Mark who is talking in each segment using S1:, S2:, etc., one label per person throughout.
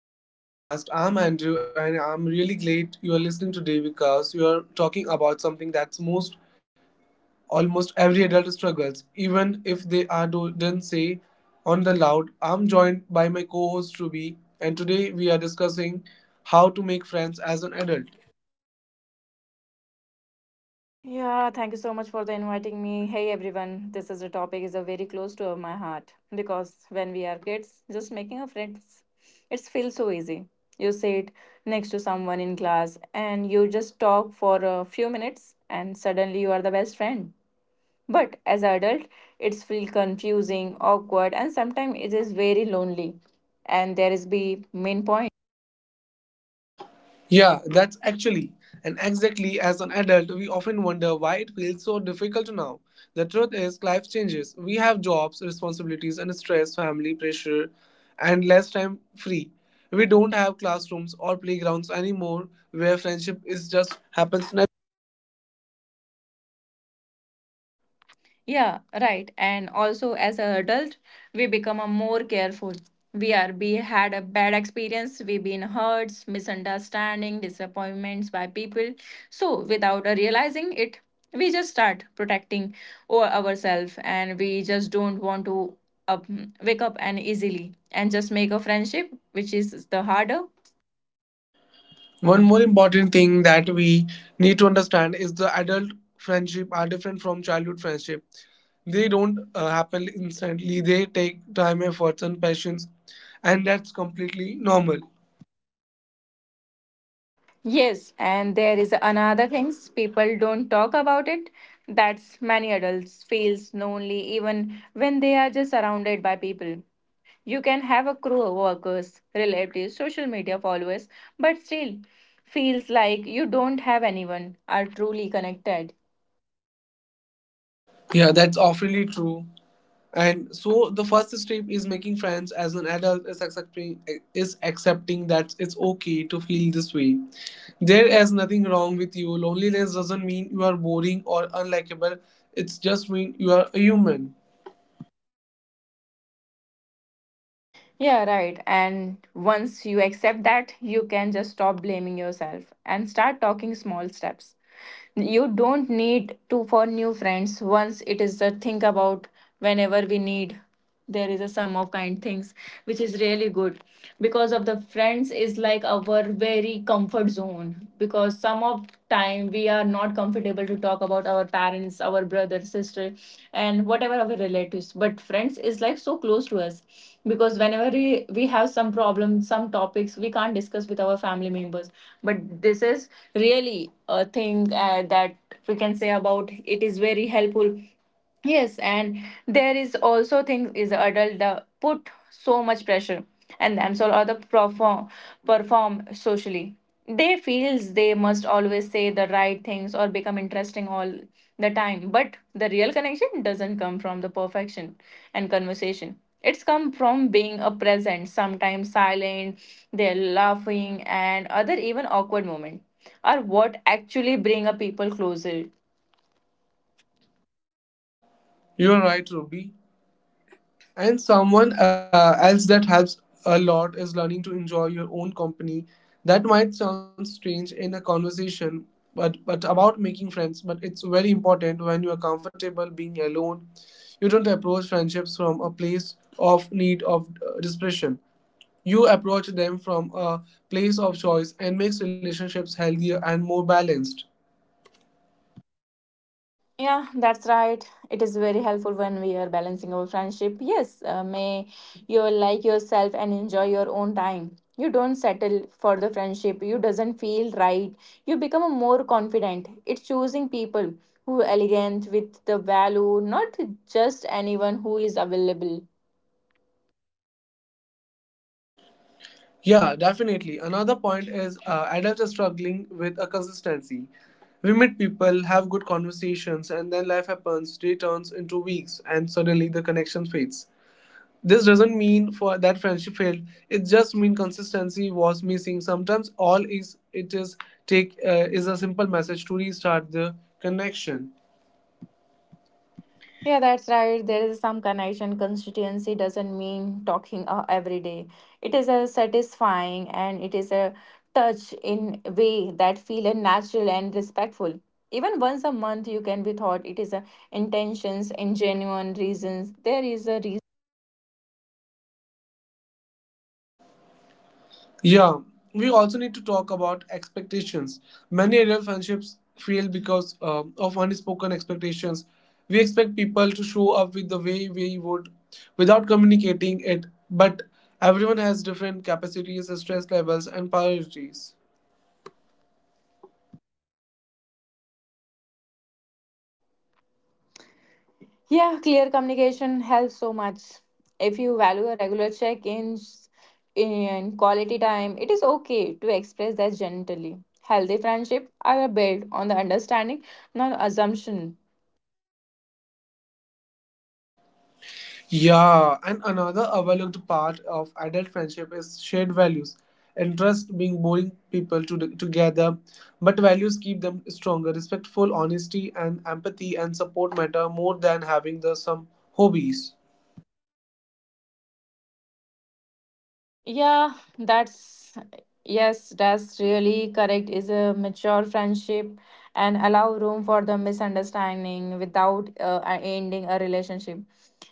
S1: back to the podcast. I'm Andrew, and I'm really glad you are listening today because you are talking about something that's most almost every adult struggles, even if they are don't say on the loud. I'm joined by my co-host Ruby, and today we are discussing how to make friends as an adult.
S2: Yeah, thank you so much for the inviting me. Hey everyone, this is a topic is a very close to my heart because when we are kids, just making a friends, it feels so easy. You sit next to someone in class and you just talk for a few minutes and suddenly you are the best friend. But as an adult, it's feel confusing, awkward and sometimes it is very lonely. And there is be main point.
S1: Yeah, that's actually and exactly as an adult, we often wonder why it feels so difficult now. The truth is, life changes. We have jobs, responsibilities, and stress, family pressure, and less time free. We don't have classrooms or playgrounds anymore where friendship is just happens.
S2: Yeah, right. And also, as an adult, we become a more careful. We had a bad experience. We've been hurts, misunderstanding, disappointments by people. So without realizing it, we just start protecting or ourselves, and we just don't want to up, wake up and easily and just make a friendship, which is the harder.
S1: One more important thing that we need to understand is the adult friendship are different from childhood friendship. They don't happen instantly. They take time, efforts, and patience, and that's completely normal.
S2: Yes, and there is another things people don't talk about it. That's many adults feels lonely even when they are just surrounded by people. You can have a crew of workers, relatives, social media followers, but still feels like you don't have anyone are truly connected.
S1: Yeah, that's awfully true. And so the first step is making friends as an adult is accepting that it's okay to feel this way. There is nothing wrong with you. Loneliness doesn't mean you are boring or unlikable. It's just mean you are a human.
S2: Yeah, right. And once you accept that, you can just stop blaming yourself and start talking small steps. You don't need to for new friends once it is the think about whenever we need there is a sum of kind things which is really good because of the friends is like our very comfort zone because some of time we are not comfortable to talk about our parents our brother sister and whatever our relatives but friends is like so close to us because whenever we have some problems some topics we can't discuss with our family members but this is really a thing that we can say about it is very helpful. Yes, and there is also thing is adult put so much pressure and themselves or the perform socially they feels they must always say the right things or become interesting all the time but the real connection doesn't come from the perfection and conversation it's come from being a present sometimes silent they're laughing and other even awkward moment are what actually bring a people closer.
S1: You're right, Ruby. And someone else that helps a lot is learning to enjoy your own company. That might sound strange in a conversation, but about making friends, but it's very important when you are comfortable being alone. You don't approach friendships from a place of need of desperation. You approach them from a place of choice and makes relationships healthier and more balanced.
S2: Yeah, that's right. It is very helpful when we are balancing our friendship. Yes, may you like yourself and enjoy your own time. You don't settle for the friendship. You doesn't feel right. You become a more confident. It's choosing people who are elegant with the value, not just anyone who is available.
S1: Yeah, definitely. Another point is adults are struggling with a consistency. We meet people, have good conversations, and then life happens. Day turns into weeks, and suddenly the connection fades. This doesn't mean for that friendship failed. It just means consistency was missing. Sometimes all is it is take is a simple message to restart the connection.
S2: Yeah, that's right. There is some connection. Constituency doesn't mean talking every day. It is a satisfying and it is a touch in a way that feel natural and respectful. Even once a month, you can be thought it is a intentions and genuine reasons. There is a reason.
S1: Yeah, we also need to talk about expectations. Many adult friendships fail because of unspoken expectations. We expect people to show up with the way we would without communicating it, but everyone has different capacities, stress levels, and priorities.
S2: Yeah, clear communication helps so much. If you value a regular check ins in quality time, it is okay to express that gently. Healthy friendship are built on the understanding, not assumption.
S1: Yeah, and another overlooked part of adult friendship is shared values. Interests being boring people to, together, but values keep them stronger. Respectful, honesty, and empathy and support matter more than having the some hobbies.
S2: Yeah, that's yes, that's really correct. Is a mature friendship and allow room for the misunderstanding without ending a relationship.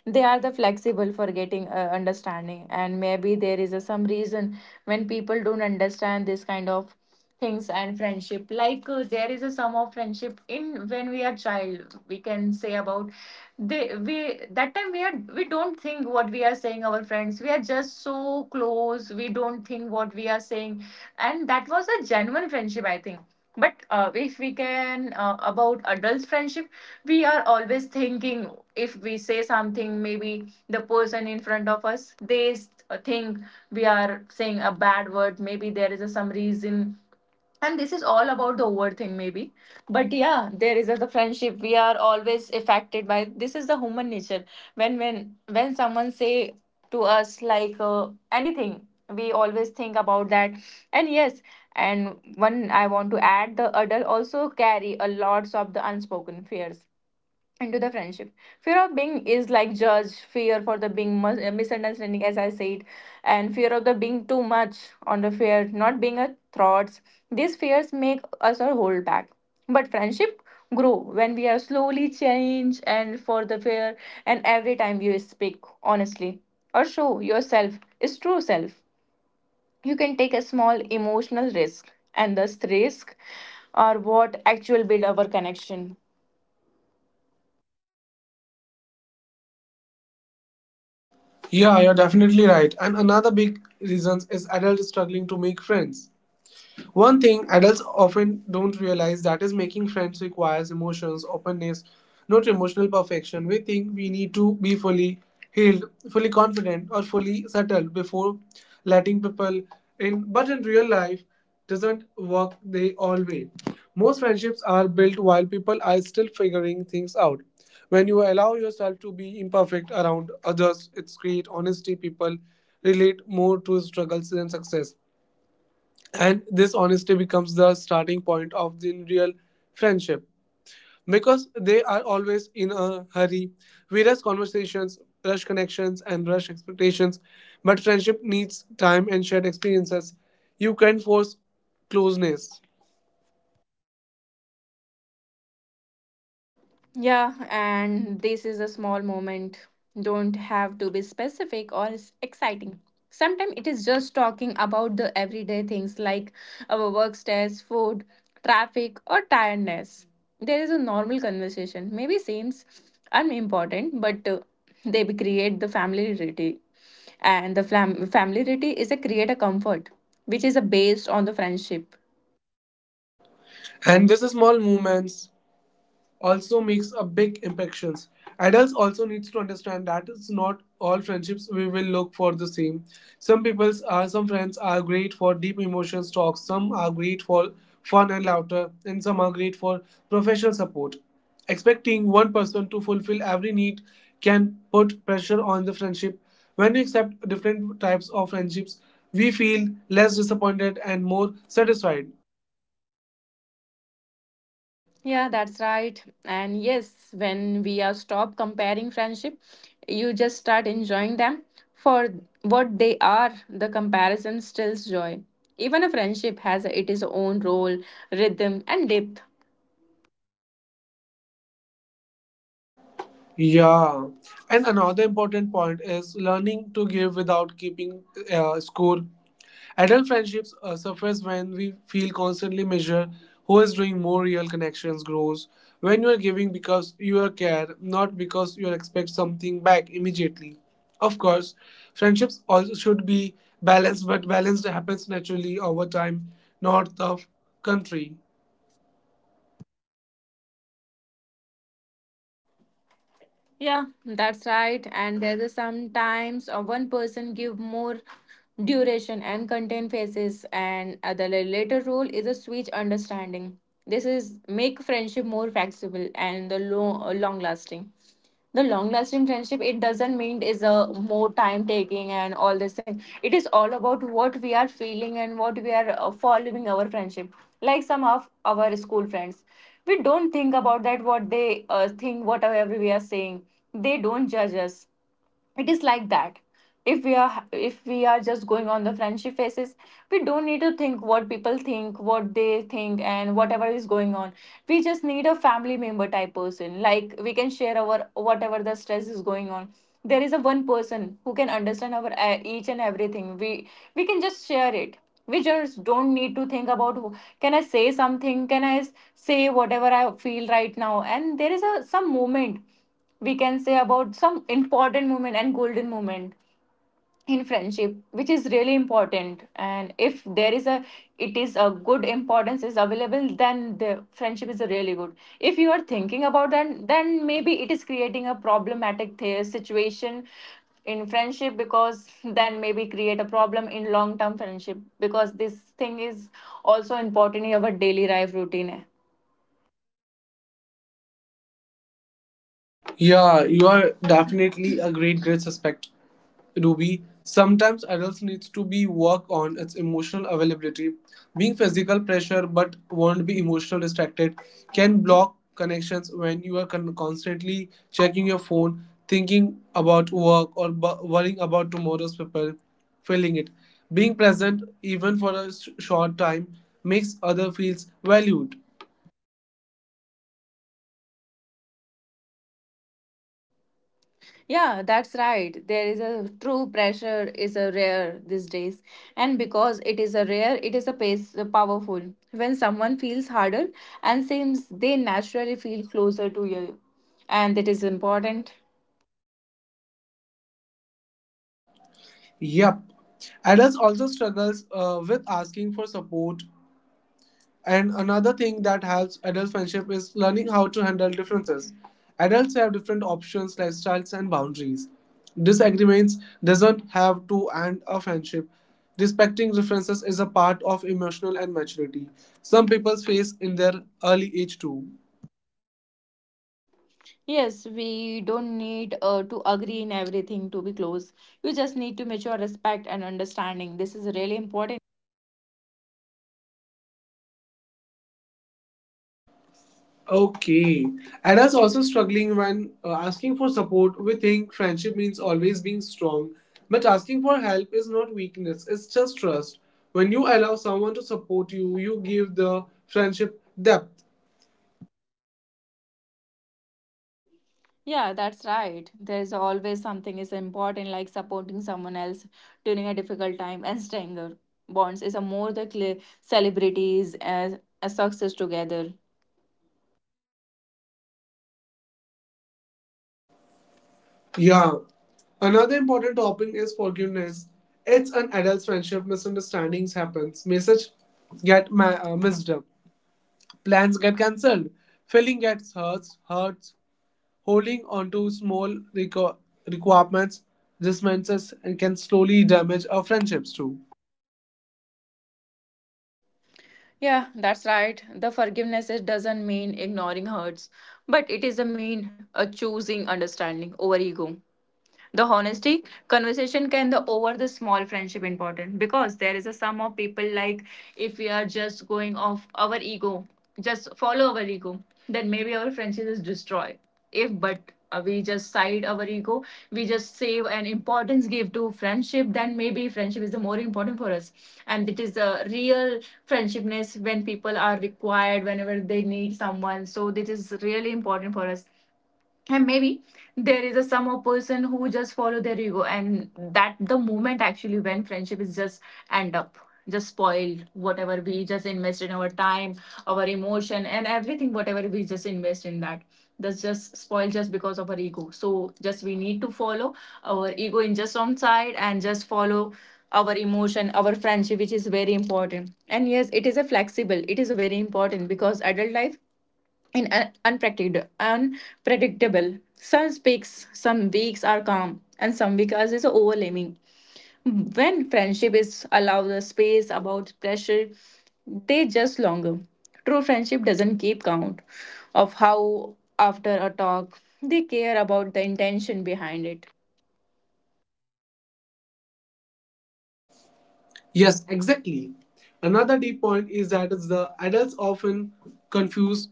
S2: They are the flexible for getting understanding, and maybe there is a, some reason when people don't understand this kind of things and friendship. Like there is a sum of friendship in when we are child. We can say about they we that time we don't think what we are saying our friends we are just so close we don't think what we are saying and that was a genuine friendship I think but if we can about adults friendship we are always thinking if we say something maybe the person in front of us they think we are saying a bad word maybe there is a, some reason and this is all about the over thing maybe but yeah there is a, the friendship we are always affected by this is the human nature when when someone say to us like anything we always think about that and yes and one I want to add the adult also carry a lots of the unspoken fears into the friendship fear of being is like judge fear for the being misunderstanding as I said and fear of the being too much on the fear not being a thoughts these fears make us or hold back but friendship grow when we are slowly change and for the fear and every time you speak honestly or show yourself is true self you can take a small emotional risk and thus risk are what actual build our connection.
S1: Yeah, you're definitely right. And another big reason is adults struggling to make friends. One thing adults often don't realize that is making friends requires emotions, openness, not emotional perfection. We think we need to be fully healed, fully confident, or fully settled before letting people in. But in real life, doesn't work they always. Most friendships are built while people are still figuring things out. When you allow yourself to be imperfect around others, it's great honesty. People relate more to struggles than success, and this honesty becomes the starting point of the real friendship because they are always in a hurry. We rush conversations, rush connections, and rush expectations, but friendship needs time and shared experiences. You can force closeness,
S2: Yeah, and this is a small moment. Don't have to be specific or exciting. Sometimes it is just talking about the everyday things like our work stress, food, traffic, or tiredness. There is a normal conversation. Maybe seems unimportant, but they create the familiarity, and the familiarity is a create a comfort, which is a based on the friendship.
S1: and this is small movements also makes a big impactions. Adults also needs to understand that it's not all friendships we will look for the same. Some friends are great for deep emotions talks, some are great for fun and laughter, and some are great for professional support. Expecting one person to fulfill every need can put pressure on the friendship. When we accept different types of friendships, we feel less disappointed and more satisfied.
S2: Yeah, that's right. And yes, when we are stop comparing friendship, you just start enjoying them for what they are. The comparison stills joy. Even a friendship has its own role, rhythm, and depth.
S1: Yeah, and another important point is learning to give without keeping score. Adult friendships suffers when we feel constantly measured. Who is doing more real connections grows when you are giving because you are care, not because you expect something back immediately. Of course, friendships also should be balanced, but balanced happens naturally over time, not the country.
S2: Yeah, that's right. And there's a sometimes one person give more duration and content phases, and the later role is a switch understanding. This is make friendship more flexible and the long lasting. The long lasting friendship it doesn't mean is a more time taking and all this thing. It is all about what we are feeling and what we are following our friendship. Like some of our school friends we don't think about that what they think whatever we are saying they don't judge us it is like that if we are just going on the friendship faces we don't need to think what people think what they think and whatever is going on we just need a family member type person like we can share our whatever the stress is going on there is a one person who can understand our each and everything we can just share it we just don't need to think about can I say something can I say whatever I feel right now and there is a some moment we can say about some important moment and golden moment in friendship which is really important and if there is a it is a good importance is available then the friendship is really good if you are thinking about that then maybe it is creating a problematic situation in friendship because then maybe create a problem in long term friendship because this thing is also important in our daily life routine hai.
S1: Yeah, you are definitely a great, great suspect. Ruby, sometimes adults needs to be work on its emotional availability. Being physical pressure but won't be emotional distracted can block connections when you are constantly checking your phone, thinking about work or worrying about tomorrow's paper, feeling it. Being present even for a short time makes other feels valued.
S2: Yeah, that's right. There is a true pressure is a rare these days. And because it is a rare, it is a pace powerful. When someone feels harder and seems they naturally feel closer to you. And that is important.
S1: Yep. Adults also struggles with asking for support. And another thing that helps adult friendship is learning how to handle differences. Adults have different options, lifestyles, and boundaries. Disagreements doesn't have to end a friendship. Respecting differences is a part of emotional and maturity. Some people face in their early age too.
S2: Yes, we don't need to agree in everything to be close. You just need to mature respect and understanding. This is really important.
S1: Okay. Adults also struggling when asking for support, we think friendship means always being strong. But asking for help is not weakness, it's just trust. When you allow someone to support you, you give the friendship depth.
S2: Yeah, that's right. There is always something is important like supporting someone else during a difficult time and stronger bonds is a more the celebrities as a success together.
S1: Yeah. Another important topic is forgiveness. It's an adult friendship. Misunderstandings happens. Message get missed. Plans get cancelled. Feeling gets Hurts. Holding onto small requ- requirements resentments and can slowly damage our friendships too.
S2: Yeah, that's right. The forgiveness is doesn't mean ignoring hurts, but it is a mean a choosing understanding over ego. The honesty conversation can the over the small friendship important because there is a sum of people like if we are just going off our ego, just follow our ego, then maybe our friendship is destroyed. If but we just side our ego, we just save an importance give to friendship, then maybe friendship is the more important for us. And it is a real friendshipness when people are required, whenever they need someone. So this is really important for us and maybe there is a some of person who just follow their ego and that the moment actually when friendship is just end up just spoiled whatever we just invest in our time our emotion and everything whatever we just invest in that that's just spoiled just because of our ego so just we need to follow our ego in just one side and just follow our emotion our friendship which is very important and yes it is a flexible it is very important because adult life in unpredictable. Some peaks, some weeks are calm, and some weeks is overwhelming. When friendship is allowed the space about pressure, they just longer. True friendship doesn't keep count of how after a talk they care about the intention behind it.
S1: Yes, exactly. Another deep point is that is the adults often confuse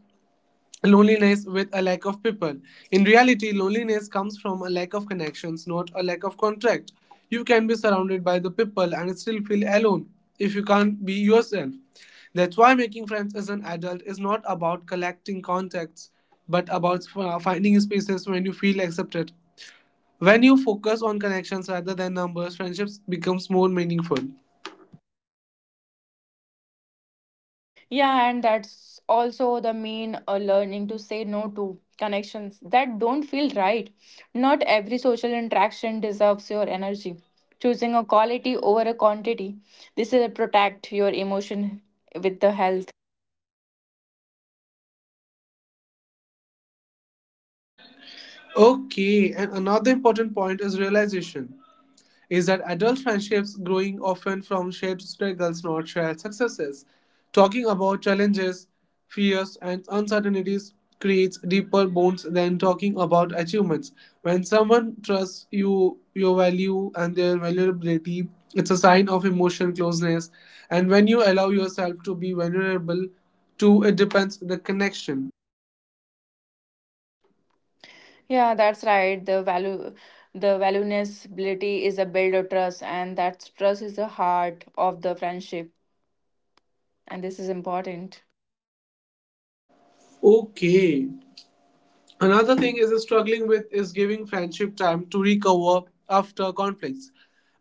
S1: loneliness with a lack of people. In reality, loneliness comes from a lack of connections, not a lack of contact. You can be surrounded by the people and still feel alone if you can't be yourself. That's why making friends as an adult is not about collecting contacts, but about finding spaces when you feel accepted. When you focus on connections rather than numbers, friendships becomes more meaningful.
S2: Yeah, and that's also the main learning to say no to connections that don't feel right. Not every social interaction deserves your energy. Choosing a quality over a quantity, this is a protect your emotion with the health.
S1: Okay, and another important point is realization. Is that adult friendships growing often from shared struggles, not shared successes. Talking about challenges, fears, and uncertainties creates deeper bonds than talking about achievements. When someone trusts you, your value, and their vulnerability, it's a sign of emotional closeness. And when you allow yourself to be vulnerable, too, it depends the connection.
S2: Yeah, that's right. The value, the valuability is a build of trust, and that trust is the heart of the friendship, and this is important.
S1: Okay, another thing is struggling with is giving friendship time to recover after conflicts.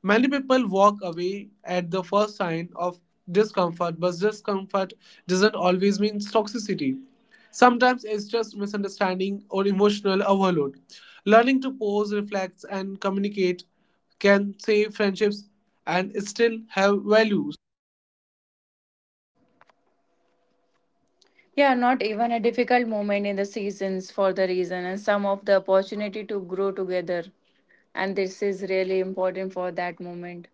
S1: Many people walk away at the first sign of discomfort, but discomfort doesn't always mean toxicity. Sometimes it's just misunderstanding or emotional overload. Learning to pause, reflect, and communicate can save friendships and still have value.
S2: Yeah, not even a difficult moment in the seasons for the reason and some of the opportunity to grow together. And this is really important for that moment.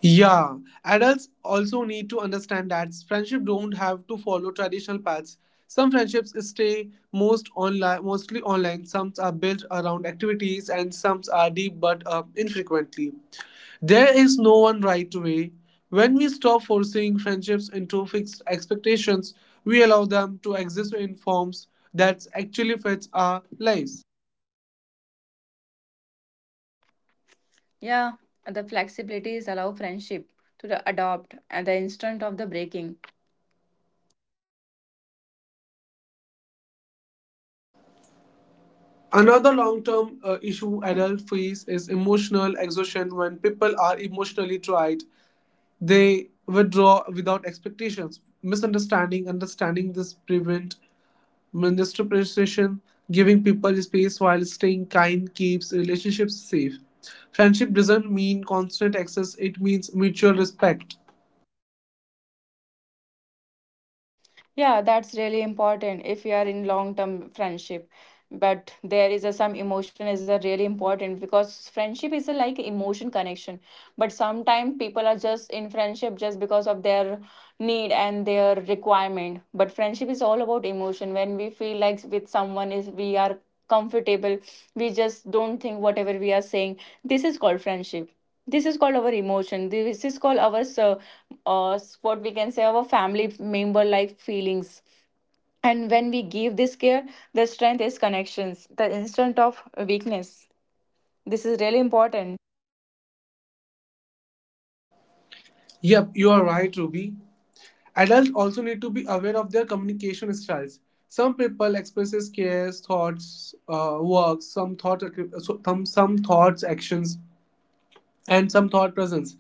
S1: Yeah, adults also need to understand that friendship don't have to follow traditional paths. Some friendships stay most online, mostly online. Some are built around activities, and some are deep but infrequently. There is no one right way. When we stop forcing friendships into fixed expectations, we allow them to exist in forms that actually fits our lives.
S2: Yeah, and the flexibilities allow friendship to the adopt and the instant of the breaking.
S1: Another long-term issue adults face is emotional exhaustion when people are emotionally tried. They withdraw without expectations. Understanding this prevent misinterpretation. Giving people space while staying kind keeps relationships safe. Friendship doesn't mean constant access, it means mutual respect.
S2: Yeah, that's really important if you are in long-term friendship. But there is a, some emotion is a really important because friendship is a like emotion connection. But sometimes people are just in friendship just because of their need and their requirement. But friendship is all about emotion. When we feel like with someone is we are comfortable, we just don't think whatever we are saying. This is called friendship, this is called our emotion, this is called our what we can say, our family member like feelings, and when we give this care, the strength is connections, the instant of weakness, this is really important.
S1: Yep, you are right, Ruby. Adults also need to be aware of their communication styles. Some people expresses cares, thoughts, works, some thought, some thoughts, actions and some thought presence.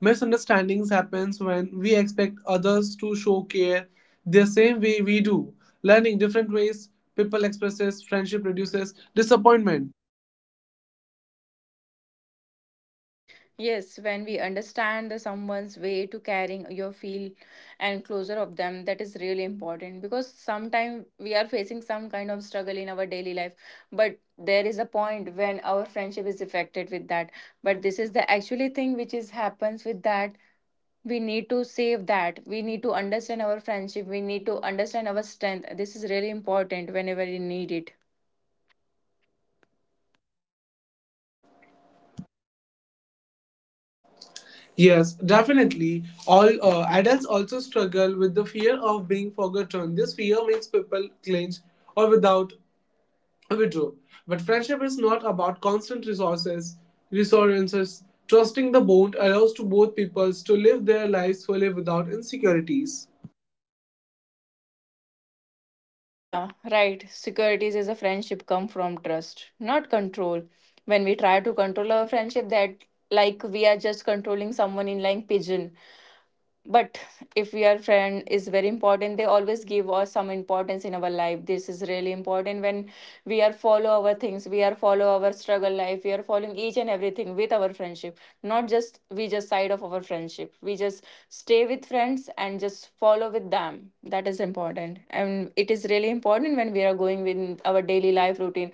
S1: Misunderstandings happens when we expect others to show care the same way we do. Learning different ways people expresses friendship reduces disappointment.
S2: Yes, when we understand the someone's way to carrying your feel and closer of them, that is really important because sometimes we are facing some kind of struggle in our daily life, but there is a point when our friendship is affected with that. But this is the actually thing which is happens with that. We need to save that. We need to understand our friendship. We need to understand our strength. This is really important whenever you need it.
S1: Yes, definitely. All adults also struggle with the fear of being forgotten. This fear makes people clinch or without withdraw. But friendship is not about resources. Trusting the bond allows to both peoples to live their lives fully without insecurities.
S2: Yeah, right. Securities is a friendship come from trust, not control. When we try to control our friendship, that like we are just controlling someone in like pigeon, but if your friend is very important, they always give us some importance in our life. This is really important when we are follow our things, we are follow our struggle life, we are following each and everything with our friendship, not just we just side of our friendship, we just stay with friends and just follow with them. That is important, and it is really important when we are going with our daily life routine.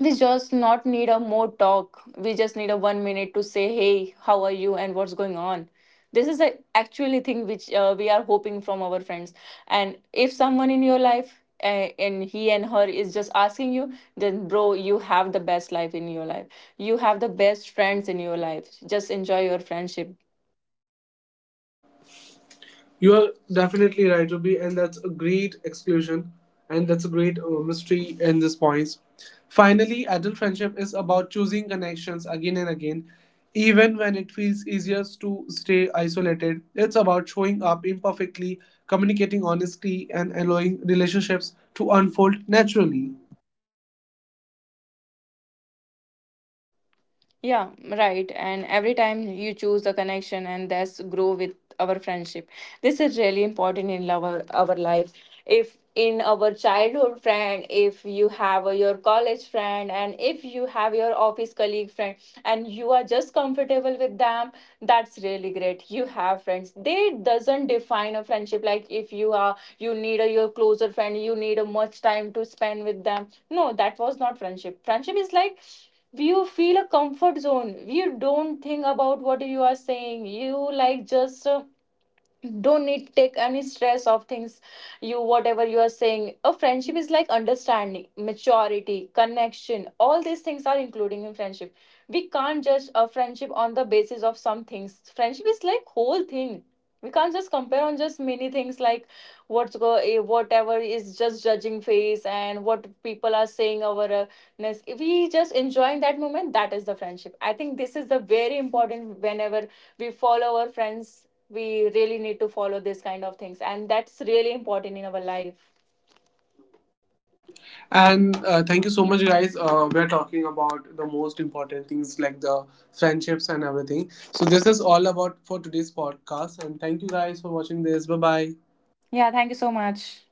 S2: We just not need a more talk, we just need a 1 minute to say, hey, how are you and what's going on. This is the actually thing which we are hoping from our friends. And if someone in your life and he and her is just asking you, then bro, you have the best life in your life, you have the best friends in your life, just enjoy your friendship.
S1: You are definitely right, Ruby, and that's a great exclusion, and that's a great mystery in this points. Finally, adult friendship is about choosing connections again and again, even when it feels easiest to stay isolated. It's about showing up imperfectly, communicating honestly, and allowing relationships to unfold naturally.
S2: Yeah, right. And every time you choose a connection, and that's grow with our friendship. This is really important in our life. If in our childhood friend, if you have your college friend, and if you have your office colleague friend, and you are just comfortable with them, that's really great. You have friends. They doesn't define a friendship. Like if you are, you need a your closer friend, you need a much time to spend with them. No, that was not friendship. Friendship is like you feel a comfort zone, you don't think about what you are saying, you like, just don't need take any stress of things, you whatever you are saying. A friendship is like understanding, maturity, connection, all these things are including in friendship. We can't judge a friendship on the basis of some things. Friendship is like whole thing. We can't just compare on just many things, like what's go, whatever is just judging face and what people are saying over ness. If we just enjoying that moment, that is the friendship, I think. This is the very important whenever we follow our friends, we really need to follow this kind of things, and that's really important in our life.
S1: And thank you so much, guys. We're talking about the most important things like the friendships and everything. So, this is all about for today's podcast. And thank you guys for watching this. Bye bye.
S2: Yeah, thank you so much.